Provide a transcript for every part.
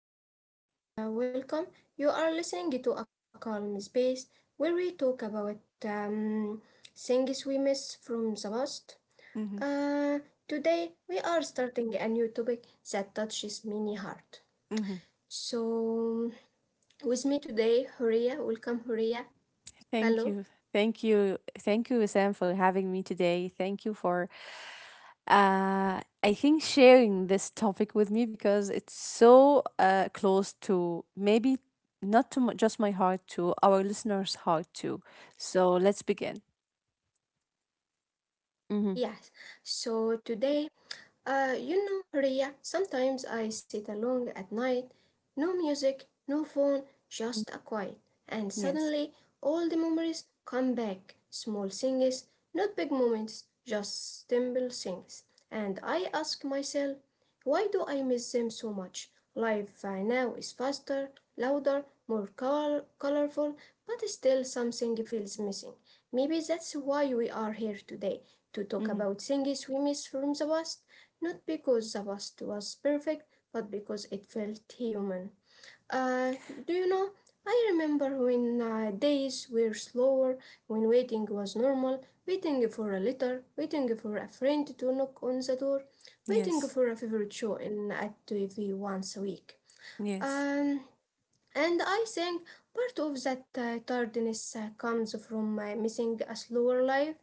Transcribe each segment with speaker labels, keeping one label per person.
Speaker 1: everyone, and welcome. You are listening to a calm space where we talk about um, things we miss from the past.
Speaker 2: Mm-hmm.
Speaker 1: Uh, Today, we are starting a new topic that touches many heart.
Speaker 2: Mm-hmm.
Speaker 1: So, with me today, Huria. Welcome, Huria.
Speaker 2: Thank
Speaker 1: Hello.
Speaker 2: you. Thank you. Thank you, Sam, for having me today. Thank you for, I think, sharing this topic with me because it's so close to maybe not to m- just my heart, to our listeners' heart, too. So let's begin. Mm-hmm.
Speaker 1: Yes. So today you know, Ria, sometimes I sit alone at night, no music, no phone, just a quiet, and
Speaker 2: Yes.
Speaker 1: suddenly all the memories come back. Small things, not big moments, just simple things. And I ask myself, why do I miss them so much? Life now is faster, louder, more colorful, but still something feels missing. Maybe that's why we are here today, to talk
Speaker 2: Mm-hmm.
Speaker 1: about things we miss from the past, not because the past was perfect, but because it felt human. Uh, do you know? I remember when days were slower, when waiting was normal, waiting for a letter, waiting for a friend to knock on the door, waiting
Speaker 2: Yes.
Speaker 1: for a favorite show in at TV once a week.
Speaker 2: Yes.
Speaker 1: Um, and I think part of that tardiness comes from missing a slower life,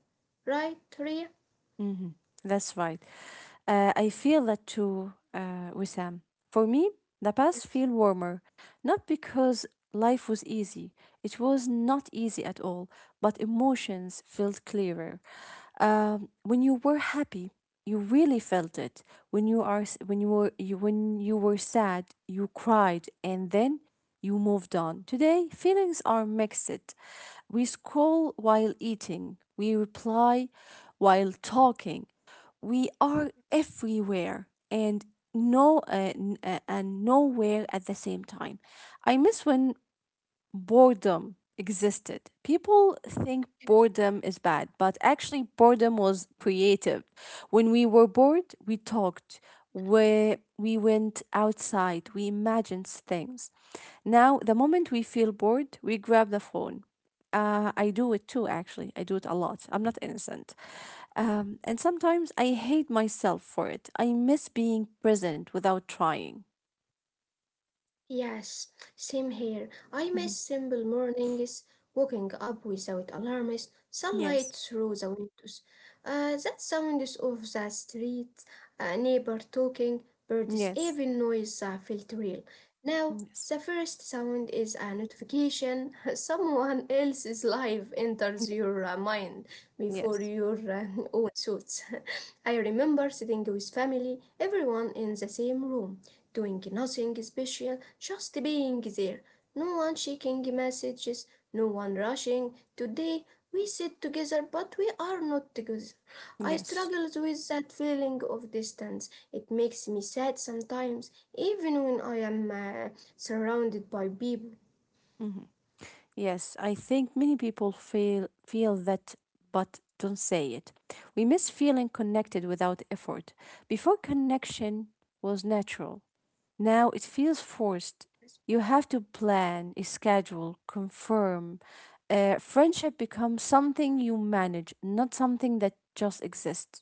Speaker 1: right, Ria?
Speaker 2: Mm-hmm. That's right. I feel that too, Wissam. For me, the past feel
Speaker 1: Yes,
Speaker 2: warmer, not because life was easy. It was not easy at all, but emotions felt clearer. When you were happy, you really felt it. When you were sad, you cried, and then you moved on. Today, feelings are mixed. We scroll while eating. We reply while talking. We are
Speaker 1: yes.
Speaker 2: everywhere and no n- and nowhere at the same time. I miss when boredom existed. People think boredom is bad, but actually, boredom was creative. When we were bored, we talked, we went outside, we imagined things. Now, the moment we feel bored, we grab the phone. I do it too, actually. I do it a lot. I'm not innocent. And sometimes I hate myself for it. I miss being present without trying.
Speaker 1: Yes, same here. I miss
Speaker 2: Mhm.
Speaker 1: simple mornings, waking up without alarms,
Speaker 2: Yes.
Speaker 1: sunlight through the windows, that sounds of the street, a neighbor talking, birds,
Speaker 2: Yes.
Speaker 1: even noise felt real. Now
Speaker 2: Yes.
Speaker 1: the first sound is a notification. Someone else's life enters
Speaker 2: Yes.
Speaker 1: your mind before
Speaker 2: Yes.
Speaker 1: your own thoughts. I remember sitting with family, everyone in the same room, doing nothing special, just being there. No one checking messages, no one rushing. Today we sit together, but we are not together. I
Speaker 2: Yes.
Speaker 1: struggle with that feeling of distance. It makes me sad sometimes, even when I am surrounded by people.
Speaker 2: Hmm. Yes, I think many people feel that but don't say it. We miss feeling connected without effort. Before, connection was natural. Now it feels forced. You have to plan, schedule, confirm. Friendship becomes something you manage, not something that just exists.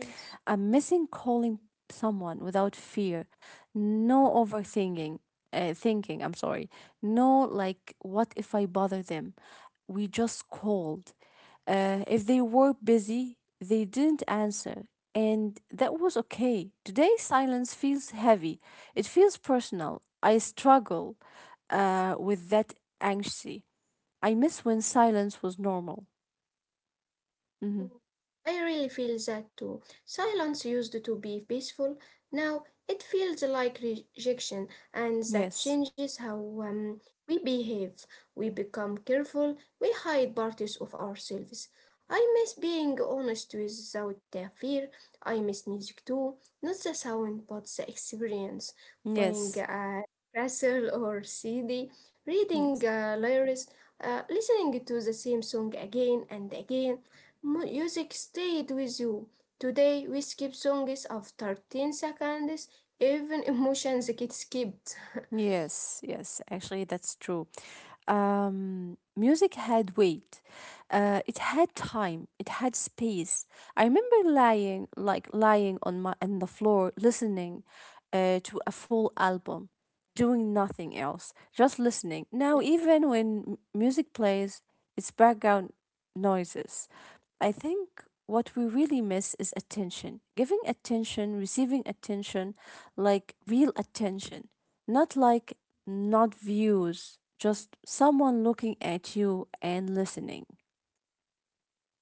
Speaker 1: Yes.
Speaker 2: I'm missing calling someone without fear. No overthinking, thinking, I'm sorry. No, like, what if I bother them? We just called. If they were busy, they didn't answer. And that was okay. Today, silence feels heavy. It feels personal. I struggle with that anxiety. I miss when silence was normal. Hmm.
Speaker 1: Mm, I really feel that too. Silence used to be peaceful. Now it feels like rejection, and that
Speaker 2: Yes.
Speaker 1: changes how um, we behave. We become careful, we hide parts of ourselves. I miss being honest without the fear. I miss music too, not the sound but the experience. Buying
Speaker 2: Yes.
Speaker 1: a castle or CD, reading
Speaker 2: Yes.
Speaker 1: lyrics, listening to the same song again and again. Music stayed with you. Today we skip songs of 13 seconds, even emotions get skipped.
Speaker 2: Yes, yes, actually, that's true. Music had weight. It had time. It had space. I remember lying, like lying on the floor, listening, to a full album, doing nothing else, just listening. Now, even when music plays, it's background noises. I think what we really miss is attention, giving attention, receiving attention, like real attention. Not like, not views, just someone looking at you and listening.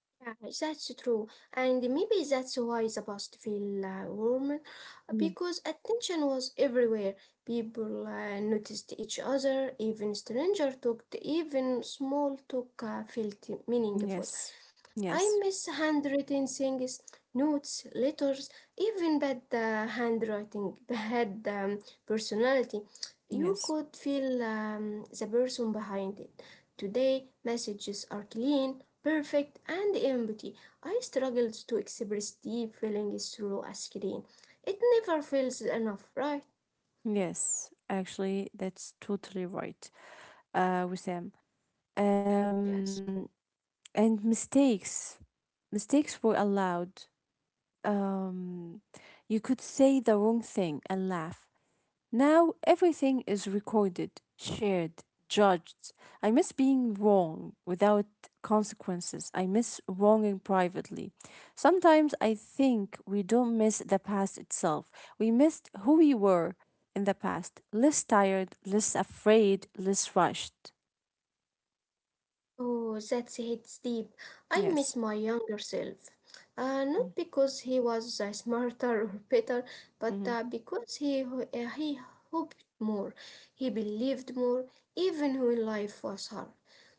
Speaker 1: Yeah, that's true. And maybe that's why the past feel warmer,
Speaker 2: Mhm.
Speaker 1: because attention was everywhere. People noticed each other, even stranger talked, even small talk felt meaningful.
Speaker 2: Yes,
Speaker 1: I
Speaker 2: yes,
Speaker 1: miss handwritten things, notes, letters, even bad handwriting, bad personality. You
Speaker 2: yes,
Speaker 1: could feel the person behind it. Today, messages are clean, perfect, and empty. I struggled to express deep feelings through a screen. It never feels enough, right?
Speaker 2: yes. Actually, that's totally right, Wissam.
Speaker 1: Yes.
Speaker 2: Um, and mistakes were allowed. Um, you could say the wrong thing and laugh. Now everything is recorded, shared, judged. I miss being wrong without consequences. I miss wronging privately. Sometimes I think we don't miss the past itself. We missed who we were in the past, less tired, less afraid, less rushed.
Speaker 1: Oh, that's hits deep. I miss
Speaker 2: Yes.
Speaker 1: my younger self.
Speaker 2: Mm-hmm.
Speaker 1: Not because he was smarter or better, but
Speaker 2: Mm-hmm.
Speaker 1: because he hoped more, he believed more, even when life was hard.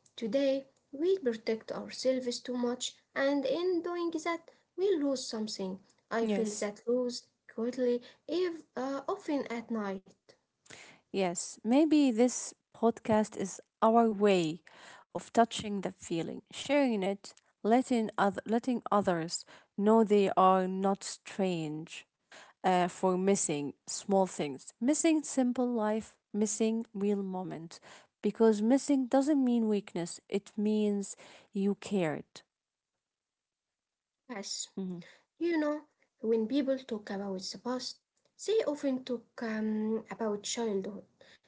Speaker 1: Today, we protect ourselves too much, and in doing that, we lose something. I feel
Speaker 2: Yes.
Speaker 1: that loss quietly, if often at night.
Speaker 2: Yes, maybe this podcast is our way of touching the feeling, sharing it, letting others know they are not strange for missing small things, missing simple life, missing real moment. Because missing doesn't mean weakness; it means you cared.
Speaker 1: Yes.
Speaker 2: Hmm.
Speaker 1: You know, when people talk about the past, they often talk about childhood.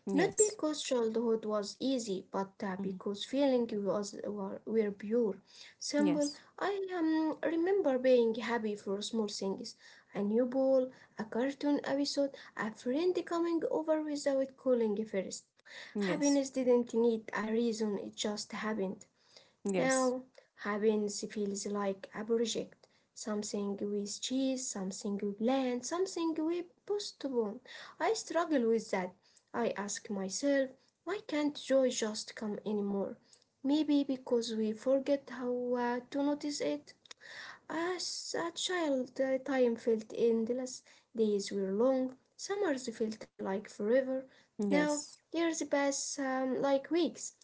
Speaker 1: Not
Speaker 2: Yes.
Speaker 1: because childhood was easy, but
Speaker 2: Hmm.
Speaker 1: because feeling was were pure. Simple.
Speaker 2: Yes.
Speaker 1: I remember being happy for small things: a new ball, a cartoon episode, a friend coming over without calling first.
Speaker 2: Yes.
Speaker 1: Happiness didn't need a reason; it just happened.
Speaker 2: Yes.
Speaker 1: Now, happiness feels like a project, something we chase, something we plan, something we postpone. I struggle with that. I ask myself, why can't joy just come anymore? Maybe because we forget how to notice it. As a child, the time felt endless. Days were long. Summers felt like forever. Now,
Speaker 2: Yes.
Speaker 1: years pass like weeks.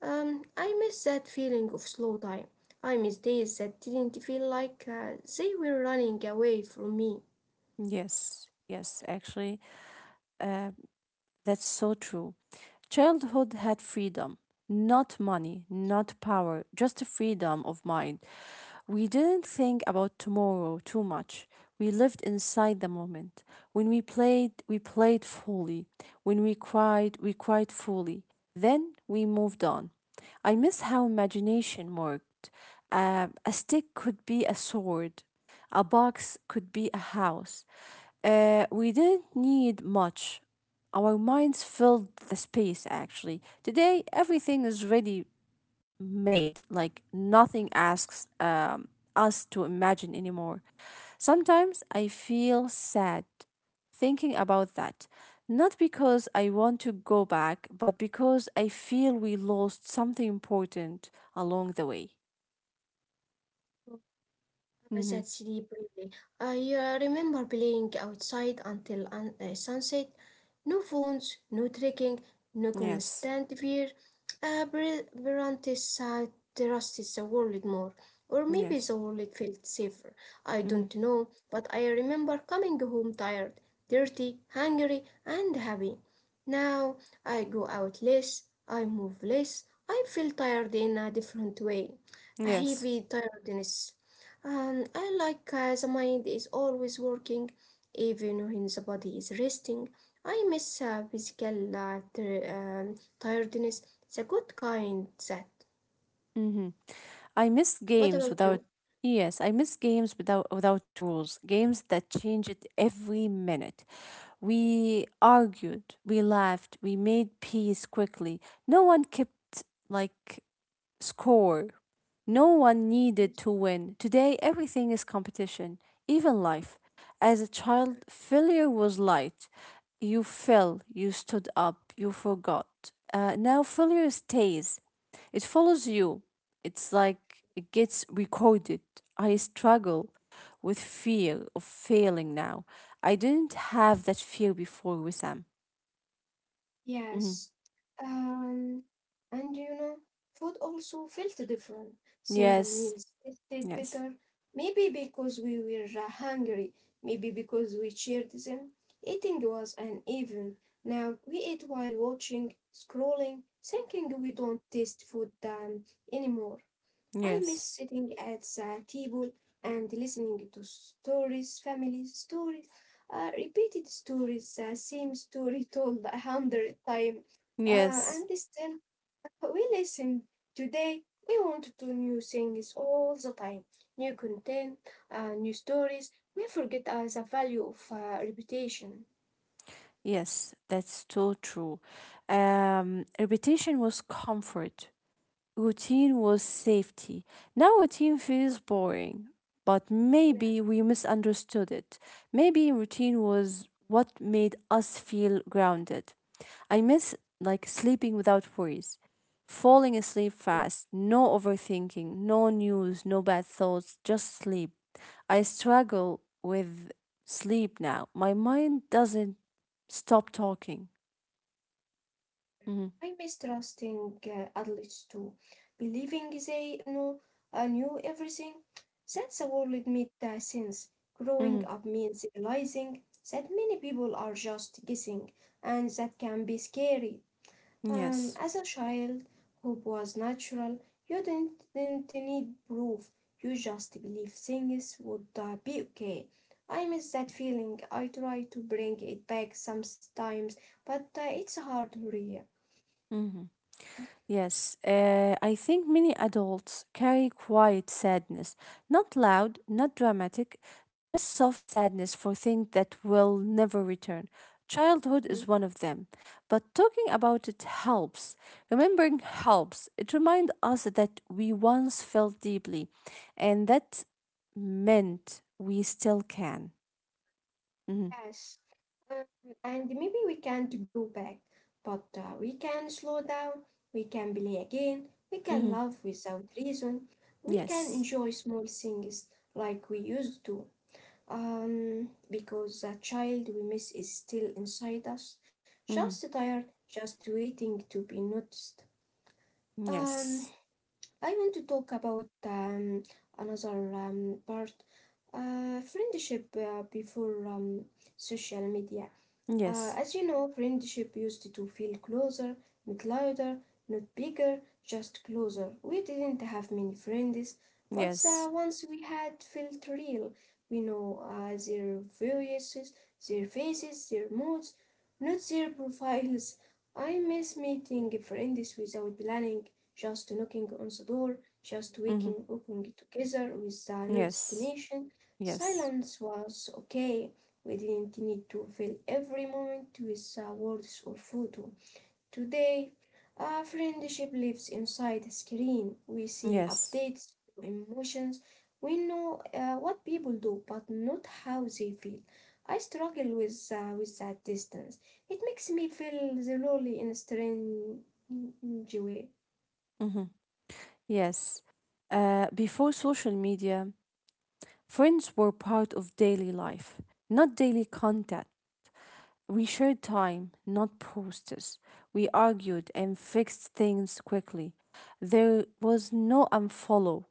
Speaker 1: I miss that feeling of slow time. I miss days that didn't feel like they were running away from me.
Speaker 2: Yes. Yes. Actually, uh, That's so true. Childhood had freedom, not money, not power, just a freedom of mind. We didn't think about tomorrow too much. We lived inside the moment. When we played fully. When we cried fully. Then we moved on. I miss how imagination worked. A stick could be a sword, a box could be a house, we didn't need much. Our minds filled the space, actually. Today, everything is ready made. Like, nothing asks us to imagine anymore. Sometimes I feel sad thinking about that. Not because I want to go back, but because I feel we lost something important along the way. Mm-hmm.
Speaker 1: That's deep, really. Brilliant. I remember playing outside until sunset. No phones, no trekking, no
Speaker 2: Yes.
Speaker 1: constant fear. Bronte's trusted the world more, or maybe
Speaker 2: Yes.
Speaker 1: the world felt safer. I
Speaker 2: Mm-hmm.
Speaker 1: don't know, but I remember coming home tired, dirty, hungry, and happy. Now I go out less, I move less, I feel tired in a different way, a heavy
Speaker 2: Yes.
Speaker 1: tiredness. And I like the mind is always working, even when the body is resting. I miss physical tiredness, the good kind that.
Speaker 2: Mm-hmm. I miss
Speaker 1: What
Speaker 2: games
Speaker 1: about you?
Speaker 2: without Yes, I miss games without rules. Games that change it every minute. We argued, we laughed, we made peace quickly. No one kept, like, score. No one needed to win. Today, everything is competition, even life. As a child, failure was light. You fell, you stood up, you forgot. Now, failure stays, it follows you. It's like it gets recorded. I struggle with fear of failing now. I didn't have that fear before, Wissam. Mm.
Speaker 1: Yes. Um, and you know, food also felt different. Simple
Speaker 2: Yes,
Speaker 1: meals tasted
Speaker 2: yes,
Speaker 1: better. Maybe because we were hungry, maybe because we shared them. Eating was uneven. Now we eat while watching, scrolling, thinking we don't taste food anymore. I
Speaker 2: yes,
Speaker 1: miss sitting at the table and listening to stories, family stories, repeated stories, the same story told a hundred times.
Speaker 2: yes.
Speaker 1: And still, we listen. Today, we want to new things all the time, new content, new stories. We forget the value of reputation.
Speaker 2: Yes, that's so true. Reputation was comfort. Routine was safety. Now routine feels boring, but
Speaker 1: Yes.
Speaker 2: maybe we misunderstood it. Maybe routine was what made us feel grounded. I miss, like, sleeping without worries, falling asleep fast, no overthinking, no news, no bad thoughts, just sleep. I struggle with sleep now. My mind doesn't stop talking. Mhm,
Speaker 1: I mistrusting adults too, believing they know knew everything. That's a world made since Growing
Speaker 2: mhm.
Speaker 1: up means realizing that many people are just guessing, and that can be scary.
Speaker 2: Yes.
Speaker 1: As a child, hope was natural. You didn't need proof. You just believe things would be okay. I miss that feeling. I try to bring it back sometimes, but it's hard, Ria.
Speaker 2: Yes, I think many adults carry quiet sadness, not loud, not dramatic, just soft sadness for things that will never return. Childhood
Speaker 1: Mm,
Speaker 2: is one of them, but talking about it helps. Remembering helps. It reminds us that we once felt deeply and that meant we still can. Hmm.
Speaker 1: yes, um, and maybe we can't go back, but we can slow down, we can play again, we can
Speaker 2: Hmm.
Speaker 1: love without reason, we can
Speaker 2: Yes.
Speaker 1: enjoy small things like we used to. Because the child we miss is still inside us,
Speaker 2: Hmm.
Speaker 1: just tired, just waiting to be noticed. Um,
Speaker 2: Yes.
Speaker 1: I want to talk about another part, friendship before social media.
Speaker 2: Yes.
Speaker 1: As you know, friendship used to feel closer, not louder, not bigger, just closer. We didn't have many friends, but the
Speaker 2: Yes.
Speaker 1: ones we had felt real. We know their voices, their faces, their moods, not their profiles. I miss meeting friends without planning, just knocking on the door, just
Speaker 2: Hmm.
Speaker 1: waking up together with no
Speaker 2: Yes.
Speaker 1: destination.
Speaker 2: Yes.
Speaker 1: Silence was okay, we didn't need to fill every moment with words or photo. Today, our friendship lives inside a screen. We see
Speaker 2: Yes.
Speaker 1: updates, emotions. We know what people do, but not how they feel. I struggle with that distance. It makes me feel lonely in a strange way.
Speaker 2: Hmm. Yes. Before social media, friends were part of daily life, not daily contact. We shared time, not posters. We argued and fixed things quickly. There was no unfollow,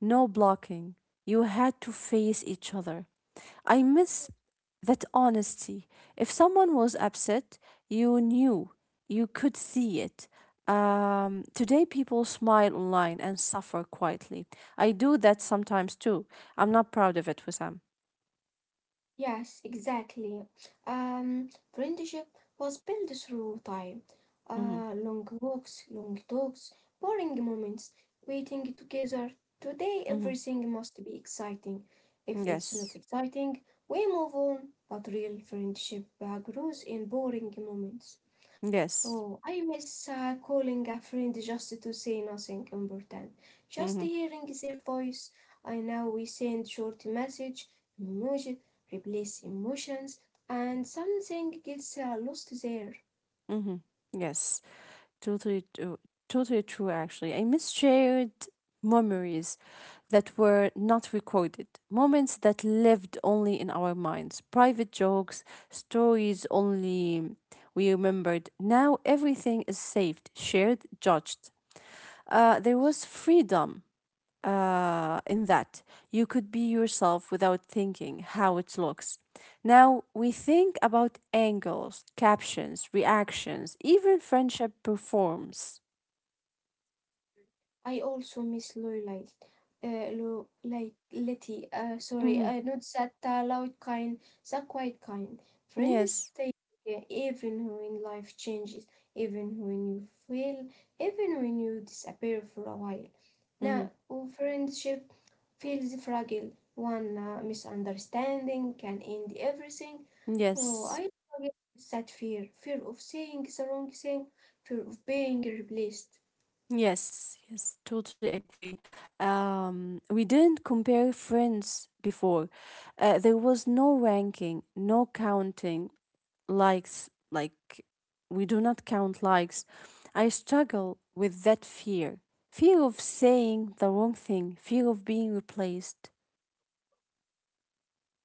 Speaker 2: no blocking. You had to face each other. I miss that honesty. If someone was upset, you knew, you could see it. Today, people smile online and suffer quietly. I do that sometimes too. I'm not proud of it, Wissam.
Speaker 1: Yes, exactly. Friendship was built through time.
Speaker 2: Mm-hmm.
Speaker 1: Long walks, long talks, boring moments, waiting together. Today,
Speaker 2: Mm-hmm.
Speaker 1: everything must be exciting. If it's not
Speaker 2: Yes.
Speaker 1: exciting, we move on. But real friendship grows in boring moments.
Speaker 2: Yes.
Speaker 1: Oh, I miss calling a friend just to say nothing important. Just
Speaker 2: Mm-hmm.
Speaker 1: hearing their voice. I know we send short message, emoji, replace emotions, and something gets lost there.
Speaker 2: Mm-hmm. Yes. Totally, totally true, actually. I miss shared memories that were not recorded, moments that lived only in our minds, private jokes, stories only we remembered. Now everything is saved, shared, judged. There was freedom in that. You could be yourself without thinking how it looks. Now, we think about angles, captions, reactions, even friendship performs.
Speaker 1: I also miss Lorelai. Lo Lorelai, Letty. Sorry,
Speaker 2: Mhm.
Speaker 1: not that loud kind, the quiet kind. Friends
Speaker 2: Yes.
Speaker 1: stay even when life changes, even when you fail, even when you disappear for a while. Now,
Speaker 2: Mhm.
Speaker 1: oh, friendship feels fragile. One misunderstanding can end everything. Oh,
Speaker 2: Yes.
Speaker 1: I forget that fear, fear of saying the wrong thing, fear of being replaced.
Speaker 2: Yes. Yes. Totally agree. We didn't compare friends before. There was no ranking, no counting, likes, like, we do not count likes. I struggle with that fear of saying the wrong thing, fear of being replaced.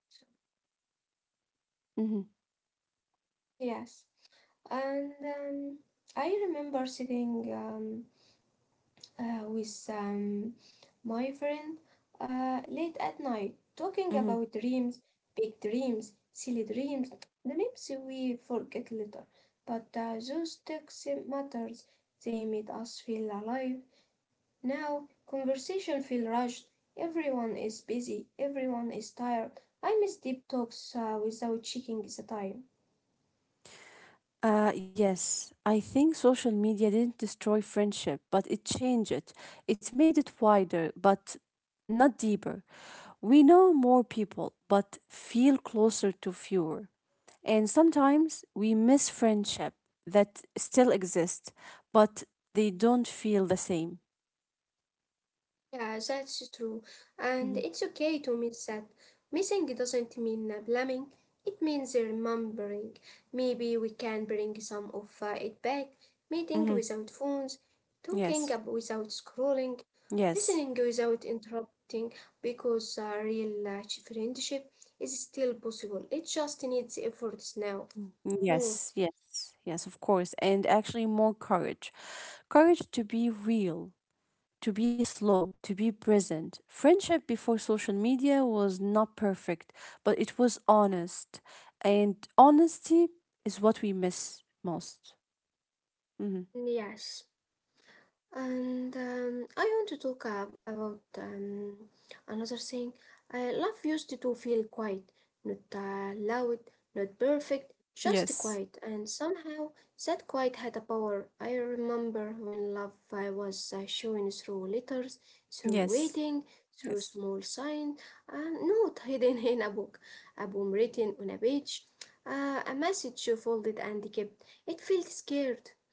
Speaker 1: So,
Speaker 2: Mhm,
Speaker 1: yes. And I remember sitting with my friend late at night talking
Speaker 2: mhm.
Speaker 1: about dreams, big dreams, silly dreams, dreams we forget later. But those texts matters. They made us feel alive. Now conversation feel rushed. Everyone is busy. Everyone is tired. I miss deep talks without checking the time.
Speaker 2: Yes, I think social media didn't destroy friendship, but it changed it. It made it wider, but not deeper. We know more people, but feel closer to fewer. And sometimes we miss friendship that still exist, but they don't feel the same.
Speaker 1: Yeah, that's true. And
Speaker 2: Hmm.
Speaker 1: it's okay to miss that. Missing doesn't mean blaming, it means remembering. Maybe we can bring some of it back. Meeting
Speaker 2: Hmm.
Speaker 1: without phones, talking
Speaker 2: Yes,
Speaker 1: without scrolling,
Speaker 2: yes.
Speaker 1: listening without interrupting, because real friendship is still possible. It just needs efforts now.
Speaker 2: Mm.
Speaker 1: More.
Speaker 2: Yes, yes, yes, of course. And actually, more courage to be real, to be slow, to be present. Friendship before social media was not perfect, but it was honest. And honesty is what we miss most. Hmm.
Speaker 1: Yes. And I want to talk about another thing. Love used to feel quiet, not loud, not perfect, just
Speaker 2: Yes.
Speaker 1: quiet. And somehow that quiet had a power. I remember when love was shown through letters, through
Speaker 2: Yes.
Speaker 1: waiting, through
Speaker 2: Yes.
Speaker 1: small signs, not hidden in a book, a poem written on a page, a message folded and kept. It felt scared,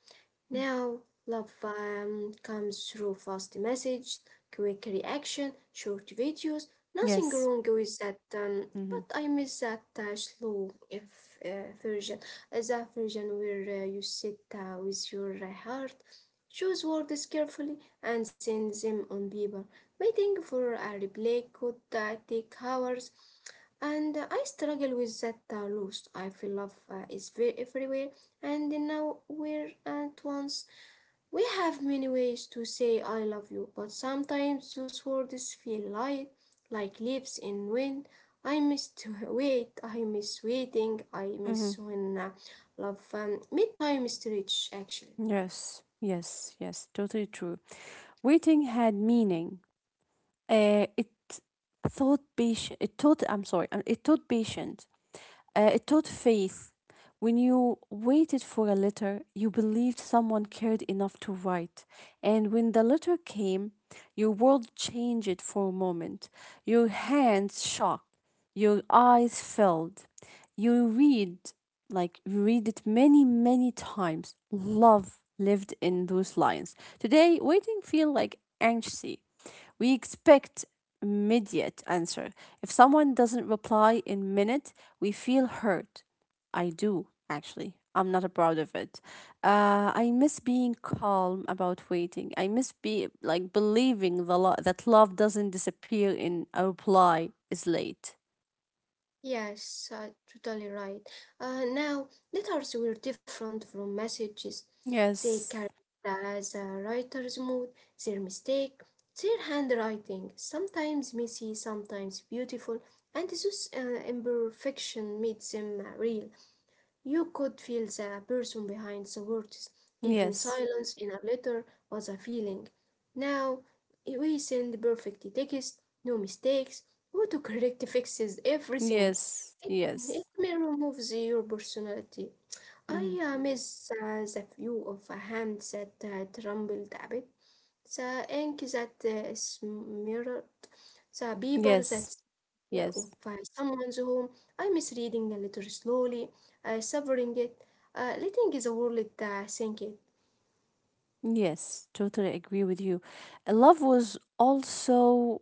Speaker 2: Mm.
Speaker 1: now, love comes through fast message, quick reaction, short videos. Nothing
Speaker 2: Yes.
Speaker 1: wrong with that,
Speaker 2: Hmm.
Speaker 1: but I miss that slow if, version. That version where you sit with your heart, choose words carefully, and send them on paper. Waiting for a reply could take hours, and I struggle with that loss. I feel love is everywhere and now we're at once. We have many ways to say I love you, but sometimes those words feel light, like leaves in wind. I miss to wait, I miss waiting, I
Speaker 2: Hmm.
Speaker 1: miss when love midtime stretch actually.
Speaker 2: Yes, yes, yes, totally true. Waiting had meaning. It taught patient. It taught. I'm sorry. It taught patient. It taught faith. When you waited for a letter, you believed someone cared enough to write. And when the letter came, your world changed for a moment. Your hands shook, your eyes filled. You read, like, you read it many, many times. Love lived in those lines. Today, waiting feel like anxiety. We expect immediate answer. If someone doesn't reply in minute, we feel hurt. I do actually. I'm not proud of it. I miss being calm about waiting. I miss be like believing the that love doesn't disappear in a reply is late.
Speaker 1: Yes, totally right. Now, letters were different from messages. They
Speaker 2: Yes.
Speaker 1: carried the writer's mood, their mistake, their handwriting, sometimes messy, sometimes beautiful, and this imperfection made them real. You could feel the person behind the words. Even
Speaker 2: Yes.
Speaker 1: silence in a letter was a feeling. Now we send perfect text, no mistakes, autocorrect fixes everything.
Speaker 2: Yes.
Speaker 1: It, it
Speaker 2: Yes.
Speaker 1: may remove your personality. I
Speaker 2: Hmm.
Speaker 1: miss the view of a hand that trembled a bit. The ink that smeared the paper
Speaker 2: Yes.
Speaker 1: that yeah,
Speaker 2: Yes.
Speaker 1: of someone's home. I miss reading a little slowly, savoring it, letting the world sink it.
Speaker 2: Yes, totally agree with you. Love was also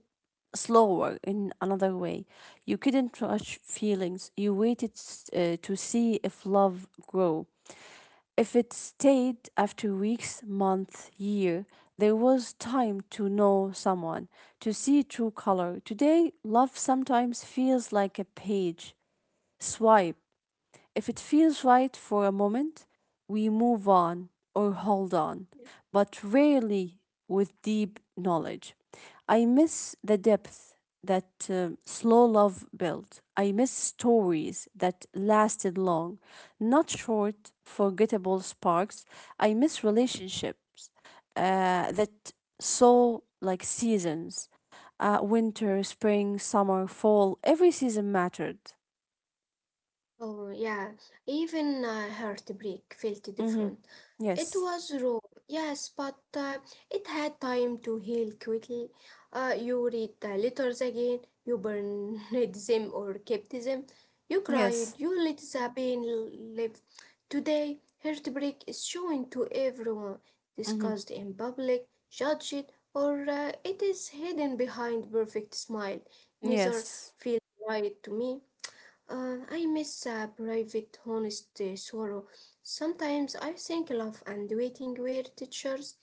Speaker 2: slower in another way. You couldn't rush feelings. You waited to see if love grow. If it stayed after weeks, month, year, there was time to know someone, to see true color. Today, love sometimes feels like a page swipe. If it feels right for a moment, we move on or hold on, but rarely with deep knowledge. I miss the depth that slow love built. I miss stories that lasted long, not short, forgettable sparks. I miss relationships that saw like seasons, winter, spring, summer, fall. Every season mattered.
Speaker 1: Oh, yeah, even Heartbreak felt
Speaker 2: Hmm.
Speaker 1: different. It
Speaker 2: Yes.
Speaker 1: was raw, yes, but it had time to heal quickly. You read the letters again, you burned them or kept them, you
Speaker 2: Yes.
Speaker 1: cried, you let the pain live. Today, Heartbreak is shown to everyone,
Speaker 2: Mm-hmm.
Speaker 1: discussed in public, judged, or it is hidden behind perfect smile. Neither
Speaker 2: Yes.
Speaker 1: feels right to me. I miss a private, honest sorrow. Sometimes I think love and waiting were teachers.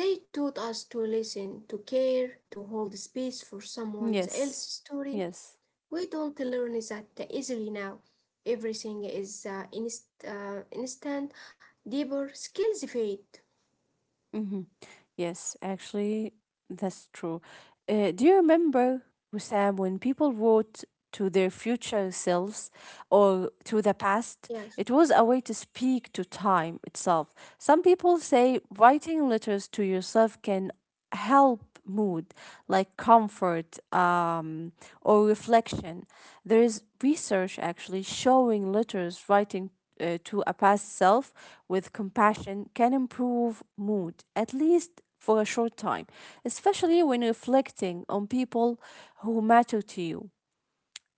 Speaker 1: They taught us to listen, to care, to hold space for someone else's
Speaker 2: Yes.
Speaker 1: story.
Speaker 2: Yes.
Speaker 1: We don't learn that easily now. Everything is instant, deeper skills fade.
Speaker 2: Mm-hmm. Yes. Actually, that's true. Do you remember, Wissam, when people wrote to their future selves or to the past?
Speaker 1: Yeah.
Speaker 2: It was a way to speak to time itself. Some people say writing letters to yourself can help mood, like comfort or reflection. There is research actually showing letters writing to a past self with compassion can improve mood, at least for a short time, especially when reflecting on people who matter to you.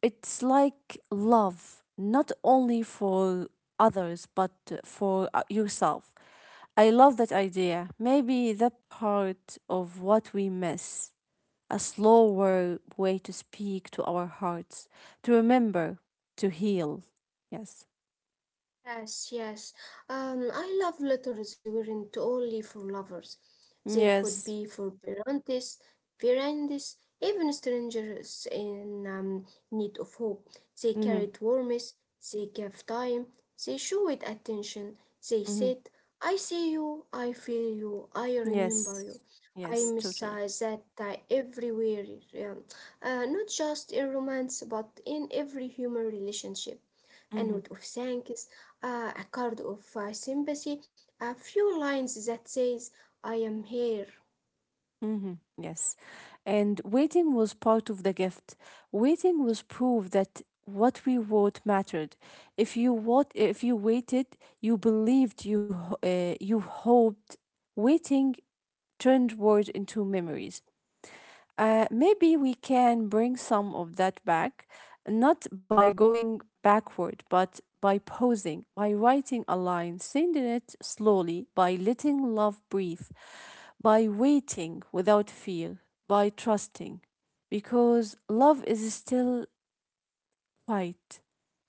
Speaker 2: It's like love, not only for others, but for yourself. I love that idea. Maybe that part of what we miss, a slower way to speak to our hearts, to remember, to heal. Yes.
Speaker 1: Yes, yes. I love letters weren't only for lovers. They could
Speaker 2: Yes.
Speaker 1: be for parents, friends, even strangers in need of hope. They
Speaker 2: Mm-hmm.
Speaker 1: carried warmth, they gave time, they showed attention. They
Speaker 2: Mm-hmm.
Speaker 1: said, I see you, I feel you, I remember
Speaker 2: Yes.
Speaker 1: you. I
Speaker 2: Yes,
Speaker 1: miss
Speaker 2: totally.
Speaker 1: that everywhere, yeah. Not just in romance, but in every human relationship a
Speaker 2: Mm-hmm.
Speaker 1: note of thanks, a card of sympathy, a few lines that says, I am here.
Speaker 2: Hmm. Yes. And waiting was part of the gift. Waiting was proof that what we wrote mattered. If you what if you waited, you believed you you hoped. Waiting turned words into memories. Maybe we can bring some of that back, not by going backward, but by pausing, by writing a line, sending it slowly, by letting love breathe, by waiting without fear, by trusting. Because love is still quiet.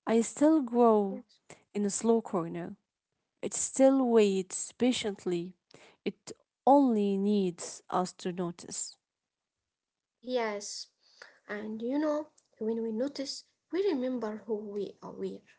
Speaker 2: I still grow
Speaker 1: Yes.
Speaker 2: in a slow corner. It still waits patiently. It only needs us to notice.
Speaker 1: Yes, and you know, when we notice, we remember who we-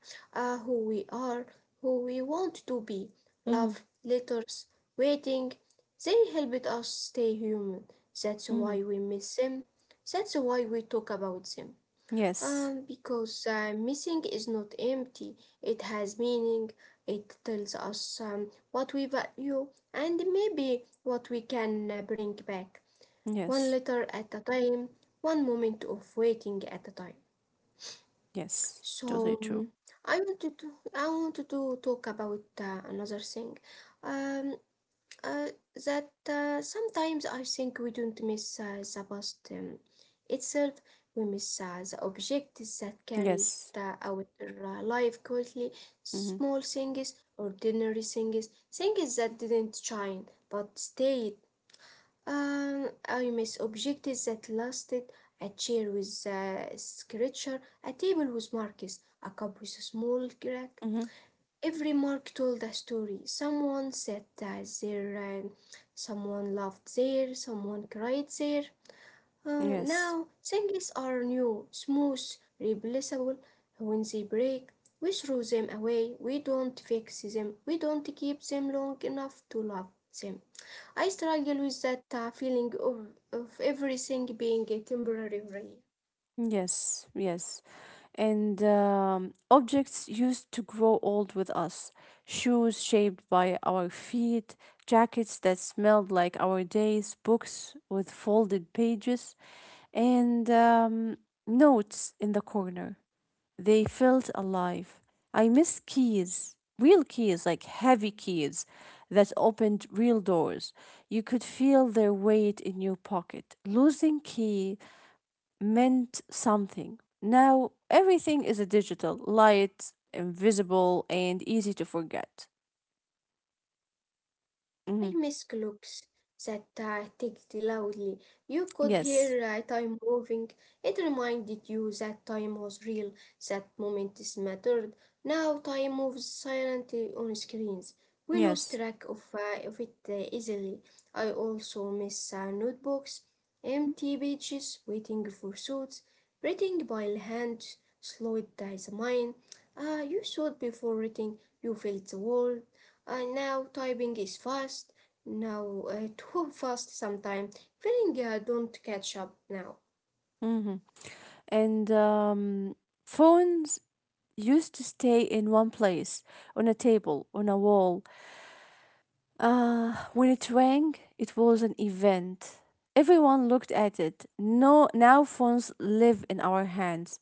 Speaker 1: are, who we are, who we want to be.
Speaker 2: Hmm.
Speaker 1: Love, letters, waiting, they helped us stay human. That's
Speaker 2: Hmm.
Speaker 1: why we miss them. That's why we talk about them.
Speaker 2: Yes.
Speaker 1: Because missing is not empty, it has meaning, it tells us what we value and maybe what we can bring back, one
Speaker 2: Yes.
Speaker 1: letter at a time, one moment of waiting at a time.
Speaker 2: Yes. Totally
Speaker 1: So
Speaker 2: true.
Speaker 1: I wanted to I wanted to talk about another thing. Um, uh, that sometimes I think we don't miss the past itself, we miss the object that carries
Speaker 2: Yes.
Speaker 1: the, our life quietly,
Speaker 2: Mm-hmm.
Speaker 1: small things, ordinary things, things that didn't shine but stayed. I miss objects that lasted, a chair with a scratcher, a table with marks, a cup with a small crack.
Speaker 2: Mm-hmm.
Speaker 1: Every mark told a story. Someone sat there, someone laughed there, someone cried there.
Speaker 2: Yes.
Speaker 1: Now, things are new, smooth, replaceable. When they break, we throw them away. We don't fix them. We don't keep them long enough to love them. I struggle with that feeling of everything being temporary.
Speaker 2: Yes. Yes. And objects used to grow old with us. Shoes shaped by our feet, jackets that smelled like our days, books with folded pages, and notes in the corner. They felt alive. I miss keys, real keys, like heavy keys that opened real doors. You could feel their weight in your pocket. Losing key meant something. Now everything is a digital, light, invisible, and easy to forget. Hmm.
Speaker 1: I miss clocks, that ticked loudly. You could
Speaker 2: Yes,
Speaker 1: hear time moving. It reminded you that time was real, that moments mattered. Now time moves silently on screens. We lose
Speaker 2: yes.
Speaker 1: track of it easily. I also miss notebooks empty pages waiting for thoughts, writing by hand, slow it as a mind. Ah, you thought before writing, you felt the world. Ah, now typing is fast, now too fast sometimes, feeling don't catch up now.
Speaker 2: Hmm. And phones used to stay in one place on a table, on a wall. When it rang, it was an event. Everyone looked at it. No, now phones live in our hands.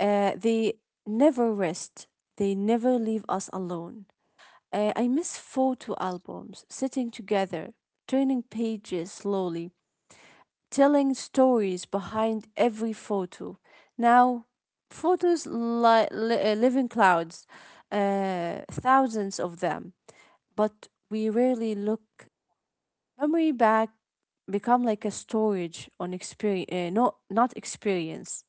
Speaker 2: They never rest. They never leave us alone. I miss photo albums, sitting together, turning pages slowly, telling stories behind every photo. Now, photos live in clouds, thousands of them, but we rarely look. Memory back become like a storage on experience, no, not experience.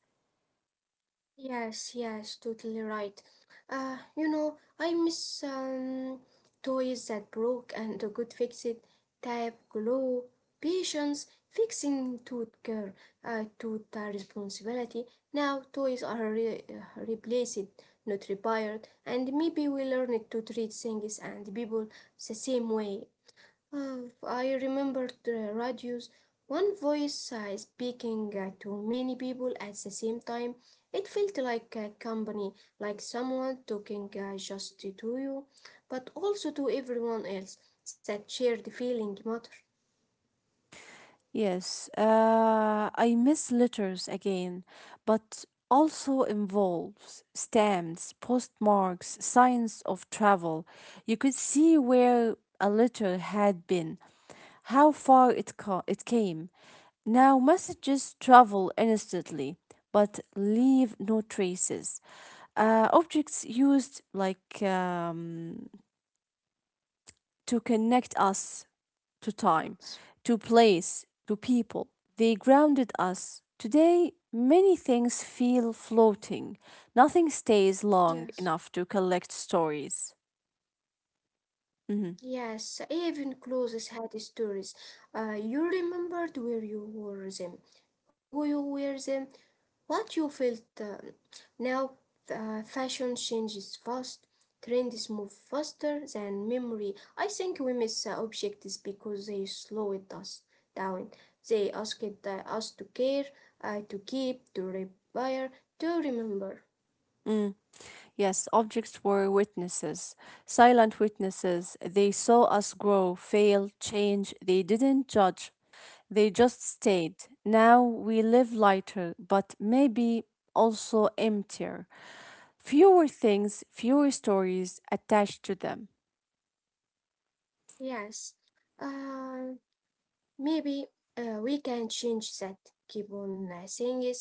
Speaker 1: Yes, yes, totally right. You know, I miss toys that broke and the good fix it, type, glow patience, fixing tooth care, tooth responsibility. Now toys are replaced, not repaired, and maybe we learned to treat things and people the same way. Ah, I remember the radios. One voice speaking to many people at the same time. It felt like a company, like someone talking just to you, but also to everyone else. That shared feeling mattered.
Speaker 2: Yes, I miss letters again, but also involves stamps, postmarks, signs of travel. You could see where a letter had been, how far it came. Now messages travel instantly, but leave no traces. Objects used like to connect us to time,
Speaker 1: Yes.
Speaker 2: to place, to people. They grounded us. Today, many things feel floating. Nothing stays long
Speaker 1: Yes.
Speaker 2: enough to collect stories. Mhm.
Speaker 1: Yes, even clothes had stories. You remembered where you wore them, who you were them, what you felt now, fashion changes fast, trends move faster than memory. I think we miss objects because they slowed us down. They asked us to care, to keep, to repair, to remember.
Speaker 2: Mm. Yes, objects were witnesses, silent witnesses. They saw us grow, fail, change. They didn't judge, they just stayed. Now we live lighter, but maybe also emptier. Fewer things, fewer stories attached to them.
Speaker 1: Yes, uh, maybe we can change that. Keep on saying it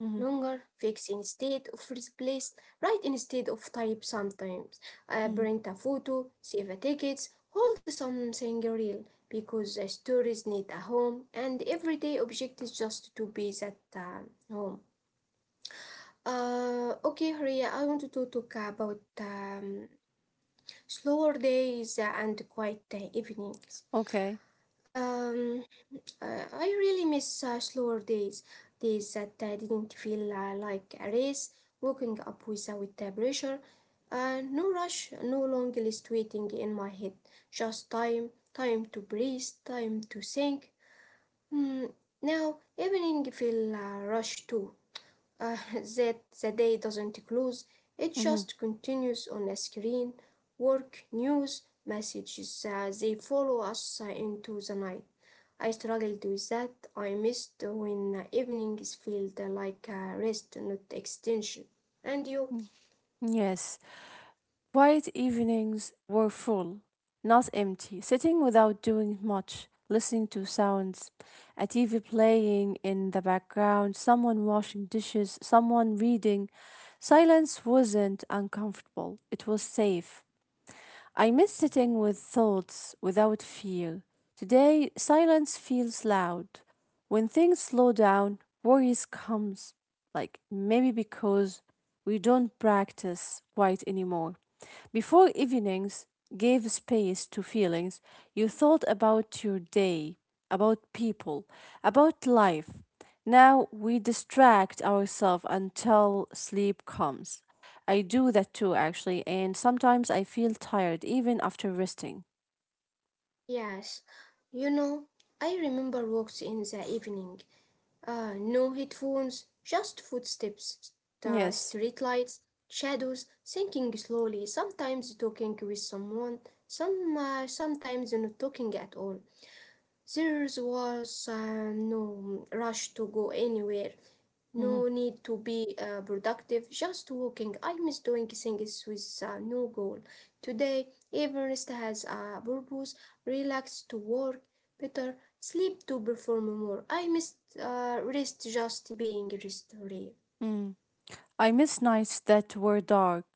Speaker 2: Mhm,
Speaker 1: longer, fix instead of replace, write instead of type sometimes,
Speaker 2: mhm.
Speaker 1: print a photo, save a tickets, hold something real because the stories need a home and everyday object is just to be that home. Okay, Hria, I wanted to talk about slower days and quiet evenings.
Speaker 2: Okay.
Speaker 1: Um, I really miss slower days, days that didn't feel like a race, waking up without pressure, no rush, no long list waiting in my head, just time, time to breathe, time to think. Mm, now, evening feel rush too that the day doesn't close, it
Speaker 2: Hmm.
Speaker 1: just continues on a screen, work, news, messages, they follow us into the night. I struggled with that. I missed when evenings felt like rest, not extension. And you?
Speaker 2: Yes. Quiet evenings were full, not empty. Sitting without doing much, listening to sounds, a TV playing in the background, someone washing dishes, someone reading. Silence wasn't uncomfortable, it was safe. I miss sitting with thoughts without fear. Today, silence feels loud. When things slow down, worries comes. Like maybe because we don't practice quite anymore. Before evenings gave space to feelings, you thought about your day, about people, about life. Now we distract ourselves until sleep comes. I do that too, actually, and sometimes I feel tired even after resting.
Speaker 1: Yes. You know, I remember walks in the evening. No headphones, just footsteps, the
Speaker 2: Yes.
Speaker 1: street lights, shadows, thinking slowly, sometimes talking with someone, sometimes not talking at all. There was no rush to go anywhere,
Speaker 2: Mhm.
Speaker 1: no need to be productive, just walking. I miss doing things with no goal. Today, Everest has a purpose, relax to work better, sleep to perform more. I miss rest just being restored.
Speaker 2: Mm. I miss nights that were dark,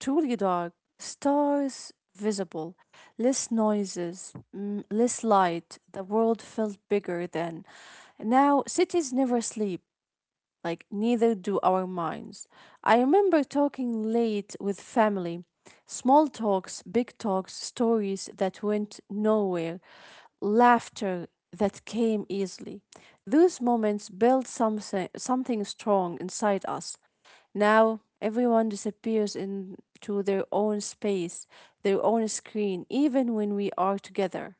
Speaker 2: truly dark, stars visible, less noises, less light. The world felt bigger then. Now, cities never sleep, like, neither do our minds. I remember talking late with family. Small talks, big talks, stories that went nowhere. Laughter that came easily. Those moments build something, something strong inside us. Now, everyone disappears into their own space, their own screen, even when we are together.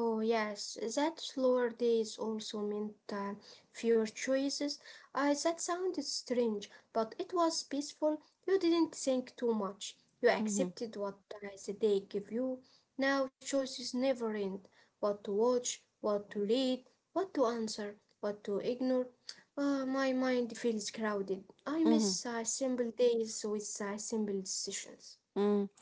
Speaker 1: Oh, yes, that slower days also meant fewer choices. That sounded strange, but it was peaceful. You didn't think too much. You
Speaker 2: Mhm,
Speaker 1: accepted what the day gave you. Now choices never end. What to watch, what to read, what to answer, what to ignore. My mind feels crowded. I
Speaker 2: mhm.
Speaker 1: miss simple days with simple decisions.
Speaker 2: Mm,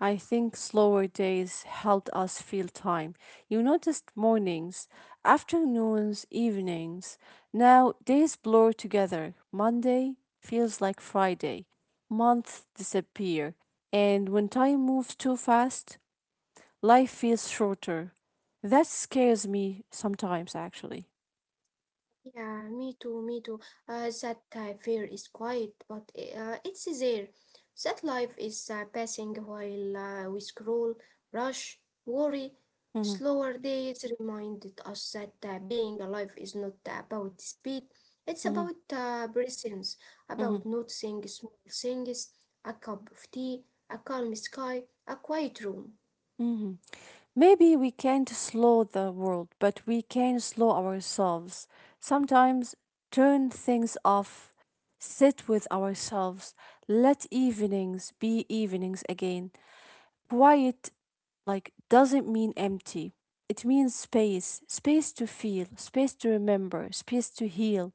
Speaker 2: I think slower days helped us feel time. You noticed mornings, afternoons, evenings. Now days blur together. Monday feels like Friday. Months disappear. And when time moves too fast, life feels shorter. That scares me sometimes, actually.
Speaker 1: Yeah, me too, me too. That fear is quiet, but it's there. That life is passing while we scroll, rush, worry.
Speaker 2: Hmm.
Speaker 1: Slower days reminded us that being alive is not about speed, it's
Speaker 2: Hmm.
Speaker 1: about presence,
Speaker 2: Hmm.
Speaker 1: about noticing small things, a cup of tea, a calm sky, a quiet room.
Speaker 2: Hmm. Maybe we can't slow the world, but we can slow ourselves. Sometimes turn things off, sit with ourselves, let evenings be evenings again. Quiet, like, doesn't mean empty. It means space, space to feel, space to remember, space to heal.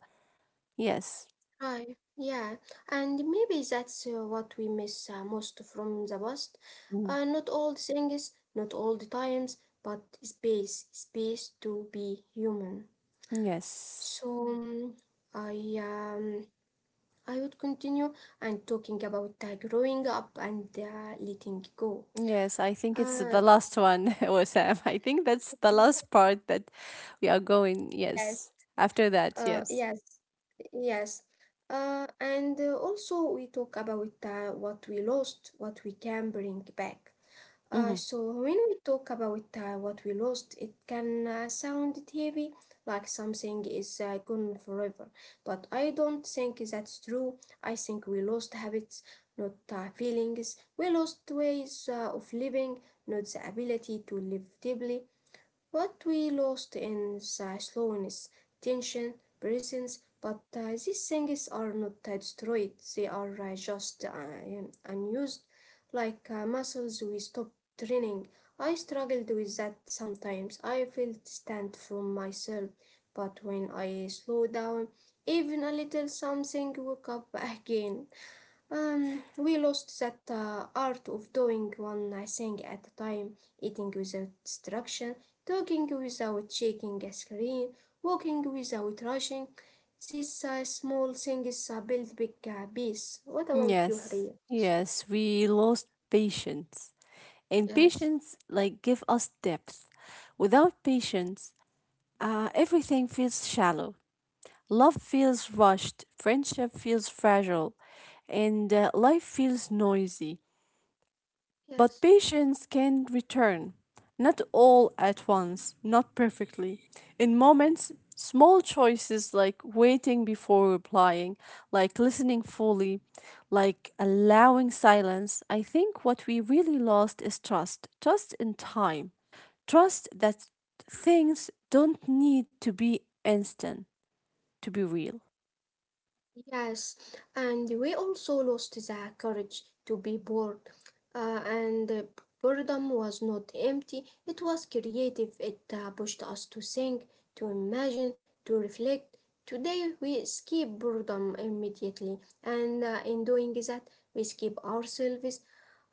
Speaker 2: Yes.
Speaker 1: Right, yeah, and maybe that's what we miss most from the past.
Speaker 2: Mm.
Speaker 1: Not all the things, not all the times, but space, space to be human. So
Speaker 2: Yes.
Speaker 1: I um, I would continue and talking about growing up and letting go.
Speaker 2: Yes, I think it's the
Speaker 1: Uh,
Speaker 2: last one, Sam. I think that's the last part that we are going.
Speaker 1: yes,
Speaker 2: Yes. After that, yes.
Speaker 1: yes, yes. And also we talk about what we lost, what we can bring back.
Speaker 2: Hmm.
Speaker 1: So when we talk about what we lost, it can sound heavy, like something is gone forever. But I don't think that's true. I think we lost habits, not feelings. We lost ways of living, not the ability to live deeply what we lost in the slowness, tension, presence, but these things are not destroyed, they are just unused, like muscles we stop training. I struggled with that sometimes. I felt distant from myself, but when I slow down, even a little, something woke up again. We lost that art of doing one thing at a time, eating without distraction, talking without checking a screen, walking without rushing. These small things build big peace. What about you, Haria?
Speaker 2: Yes. Yes, we lost patience. And
Speaker 1: Yes,
Speaker 2: patience like give us depth. Without patience, everything feels shallow. Love feels rushed, friendship feels fragile, and life feels noisy. But
Speaker 1: yes.
Speaker 2: patience can return, not all at once, not perfectly. In moments, small choices like waiting before replying, like listening fully, like allowing silence. I think what we really lost is trust in time, trust that things don't need to be instant to be real.
Speaker 1: Yes, and we also lost the courage to be bored. And Boredom was not empty, it was creative. It pushed us to think, to imagine, to reflect. Today we escape boredom immediately, and in doing that, we escape ourselves.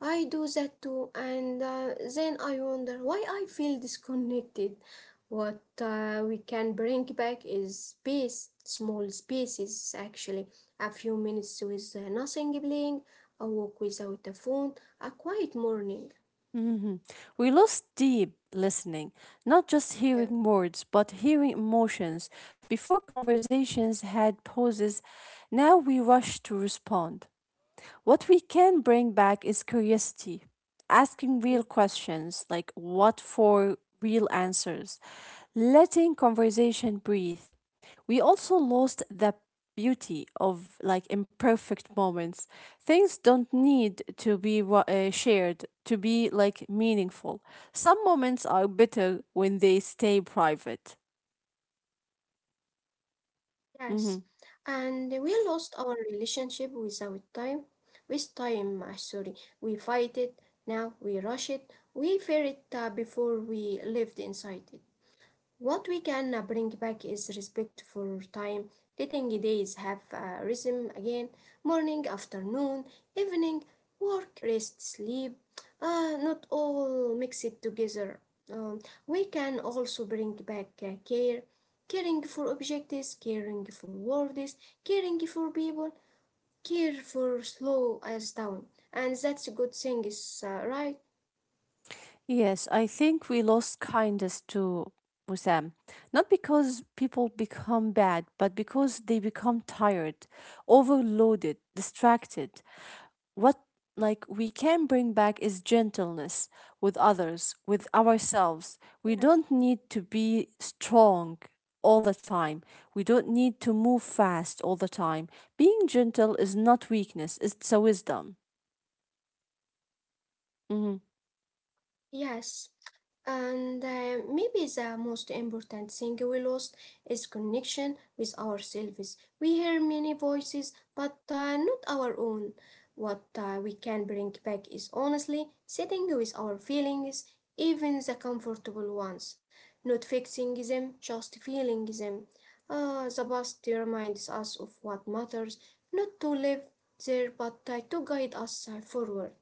Speaker 1: I do that too, and then I wonder why I feel disconnected. What we can bring back is space, small spaces actually. A few minutes with nothing playing, a walk without a phone, a quiet morning.
Speaker 2: Mhm. We lost deep listening, not just
Speaker 1: Yeah.
Speaker 2: hearing words, but hearing emotions. Before conversations had pauses, now we rush to respond. What we can bring back is curiosity, asking real
Speaker 1: Mm.
Speaker 2: questions like what for real answers, letting conversation breathe. We also lost the beauty of like imperfect moments. Things don't need to be shared to be like meaningful. Some moments are better when they stay private.
Speaker 1: Yes.
Speaker 2: Mhm.
Speaker 1: And we lost our relationship without time. With time, sorry. We fight it, now we rush it. We fear it before we lived inside it. What we can bring back is respect for time, letting days have a rhythm again morning, afternoon, evening, work, rest, sleep, not all mix it together. Um, we can also bring back care, caring for objects, caring for words, caring for people, care for slow as down. And that's a good thing, is right?
Speaker 2: Yes, I think we lost kindness to Wissam. Not because people become bad, but because they become tired, overloaded, distracted. What like we can bring back is gentleness with others, with ourselves. We
Speaker 1: Yes.
Speaker 2: don't need to be strong all the time. We don't need to move fast all the time. Being gentle is not weakness, it's a wisdom. Mm-hmm.
Speaker 1: Yes, and maybe the most important thing we lost is connection with ourselves. We hear many voices, but not our own. What we can bring back is honestly sitting with our feelings, even the comfortable ones, not fixing them, just feeling them. The past reminds us of what matters, not to live there, but to guide us forward.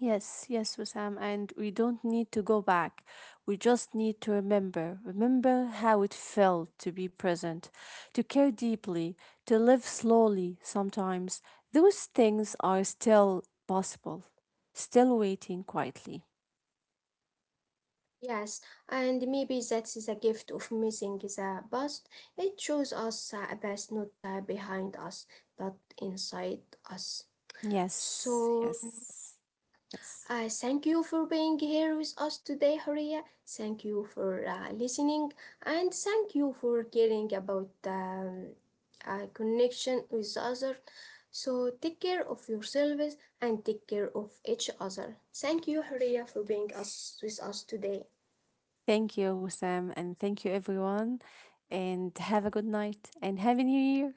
Speaker 2: Yes, yes, Wissam, and we don't need to go back. We just need to remember. Remember how it felt to be present, to care deeply, to live slowly sometimes. Those things are still possible, still waiting quietly.
Speaker 1: Yes, and maybe that is a gift of missing the past. It shows us a past not behind us, but inside us.
Speaker 2: Yes,
Speaker 1: So,
Speaker 2: yes, yes.
Speaker 1: thank you for being here with us today, Horia. Thank you for listening, and thank you for caring about a connection with others. So, take care of yourselves and take care of each other. Thank you, Horia, for being us with us today.
Speaker 2: Thank you, Wissam, and thank you, everyone. And have a good night and happy new year.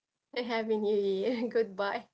Speaker 1: Happy New Year. Goodbye.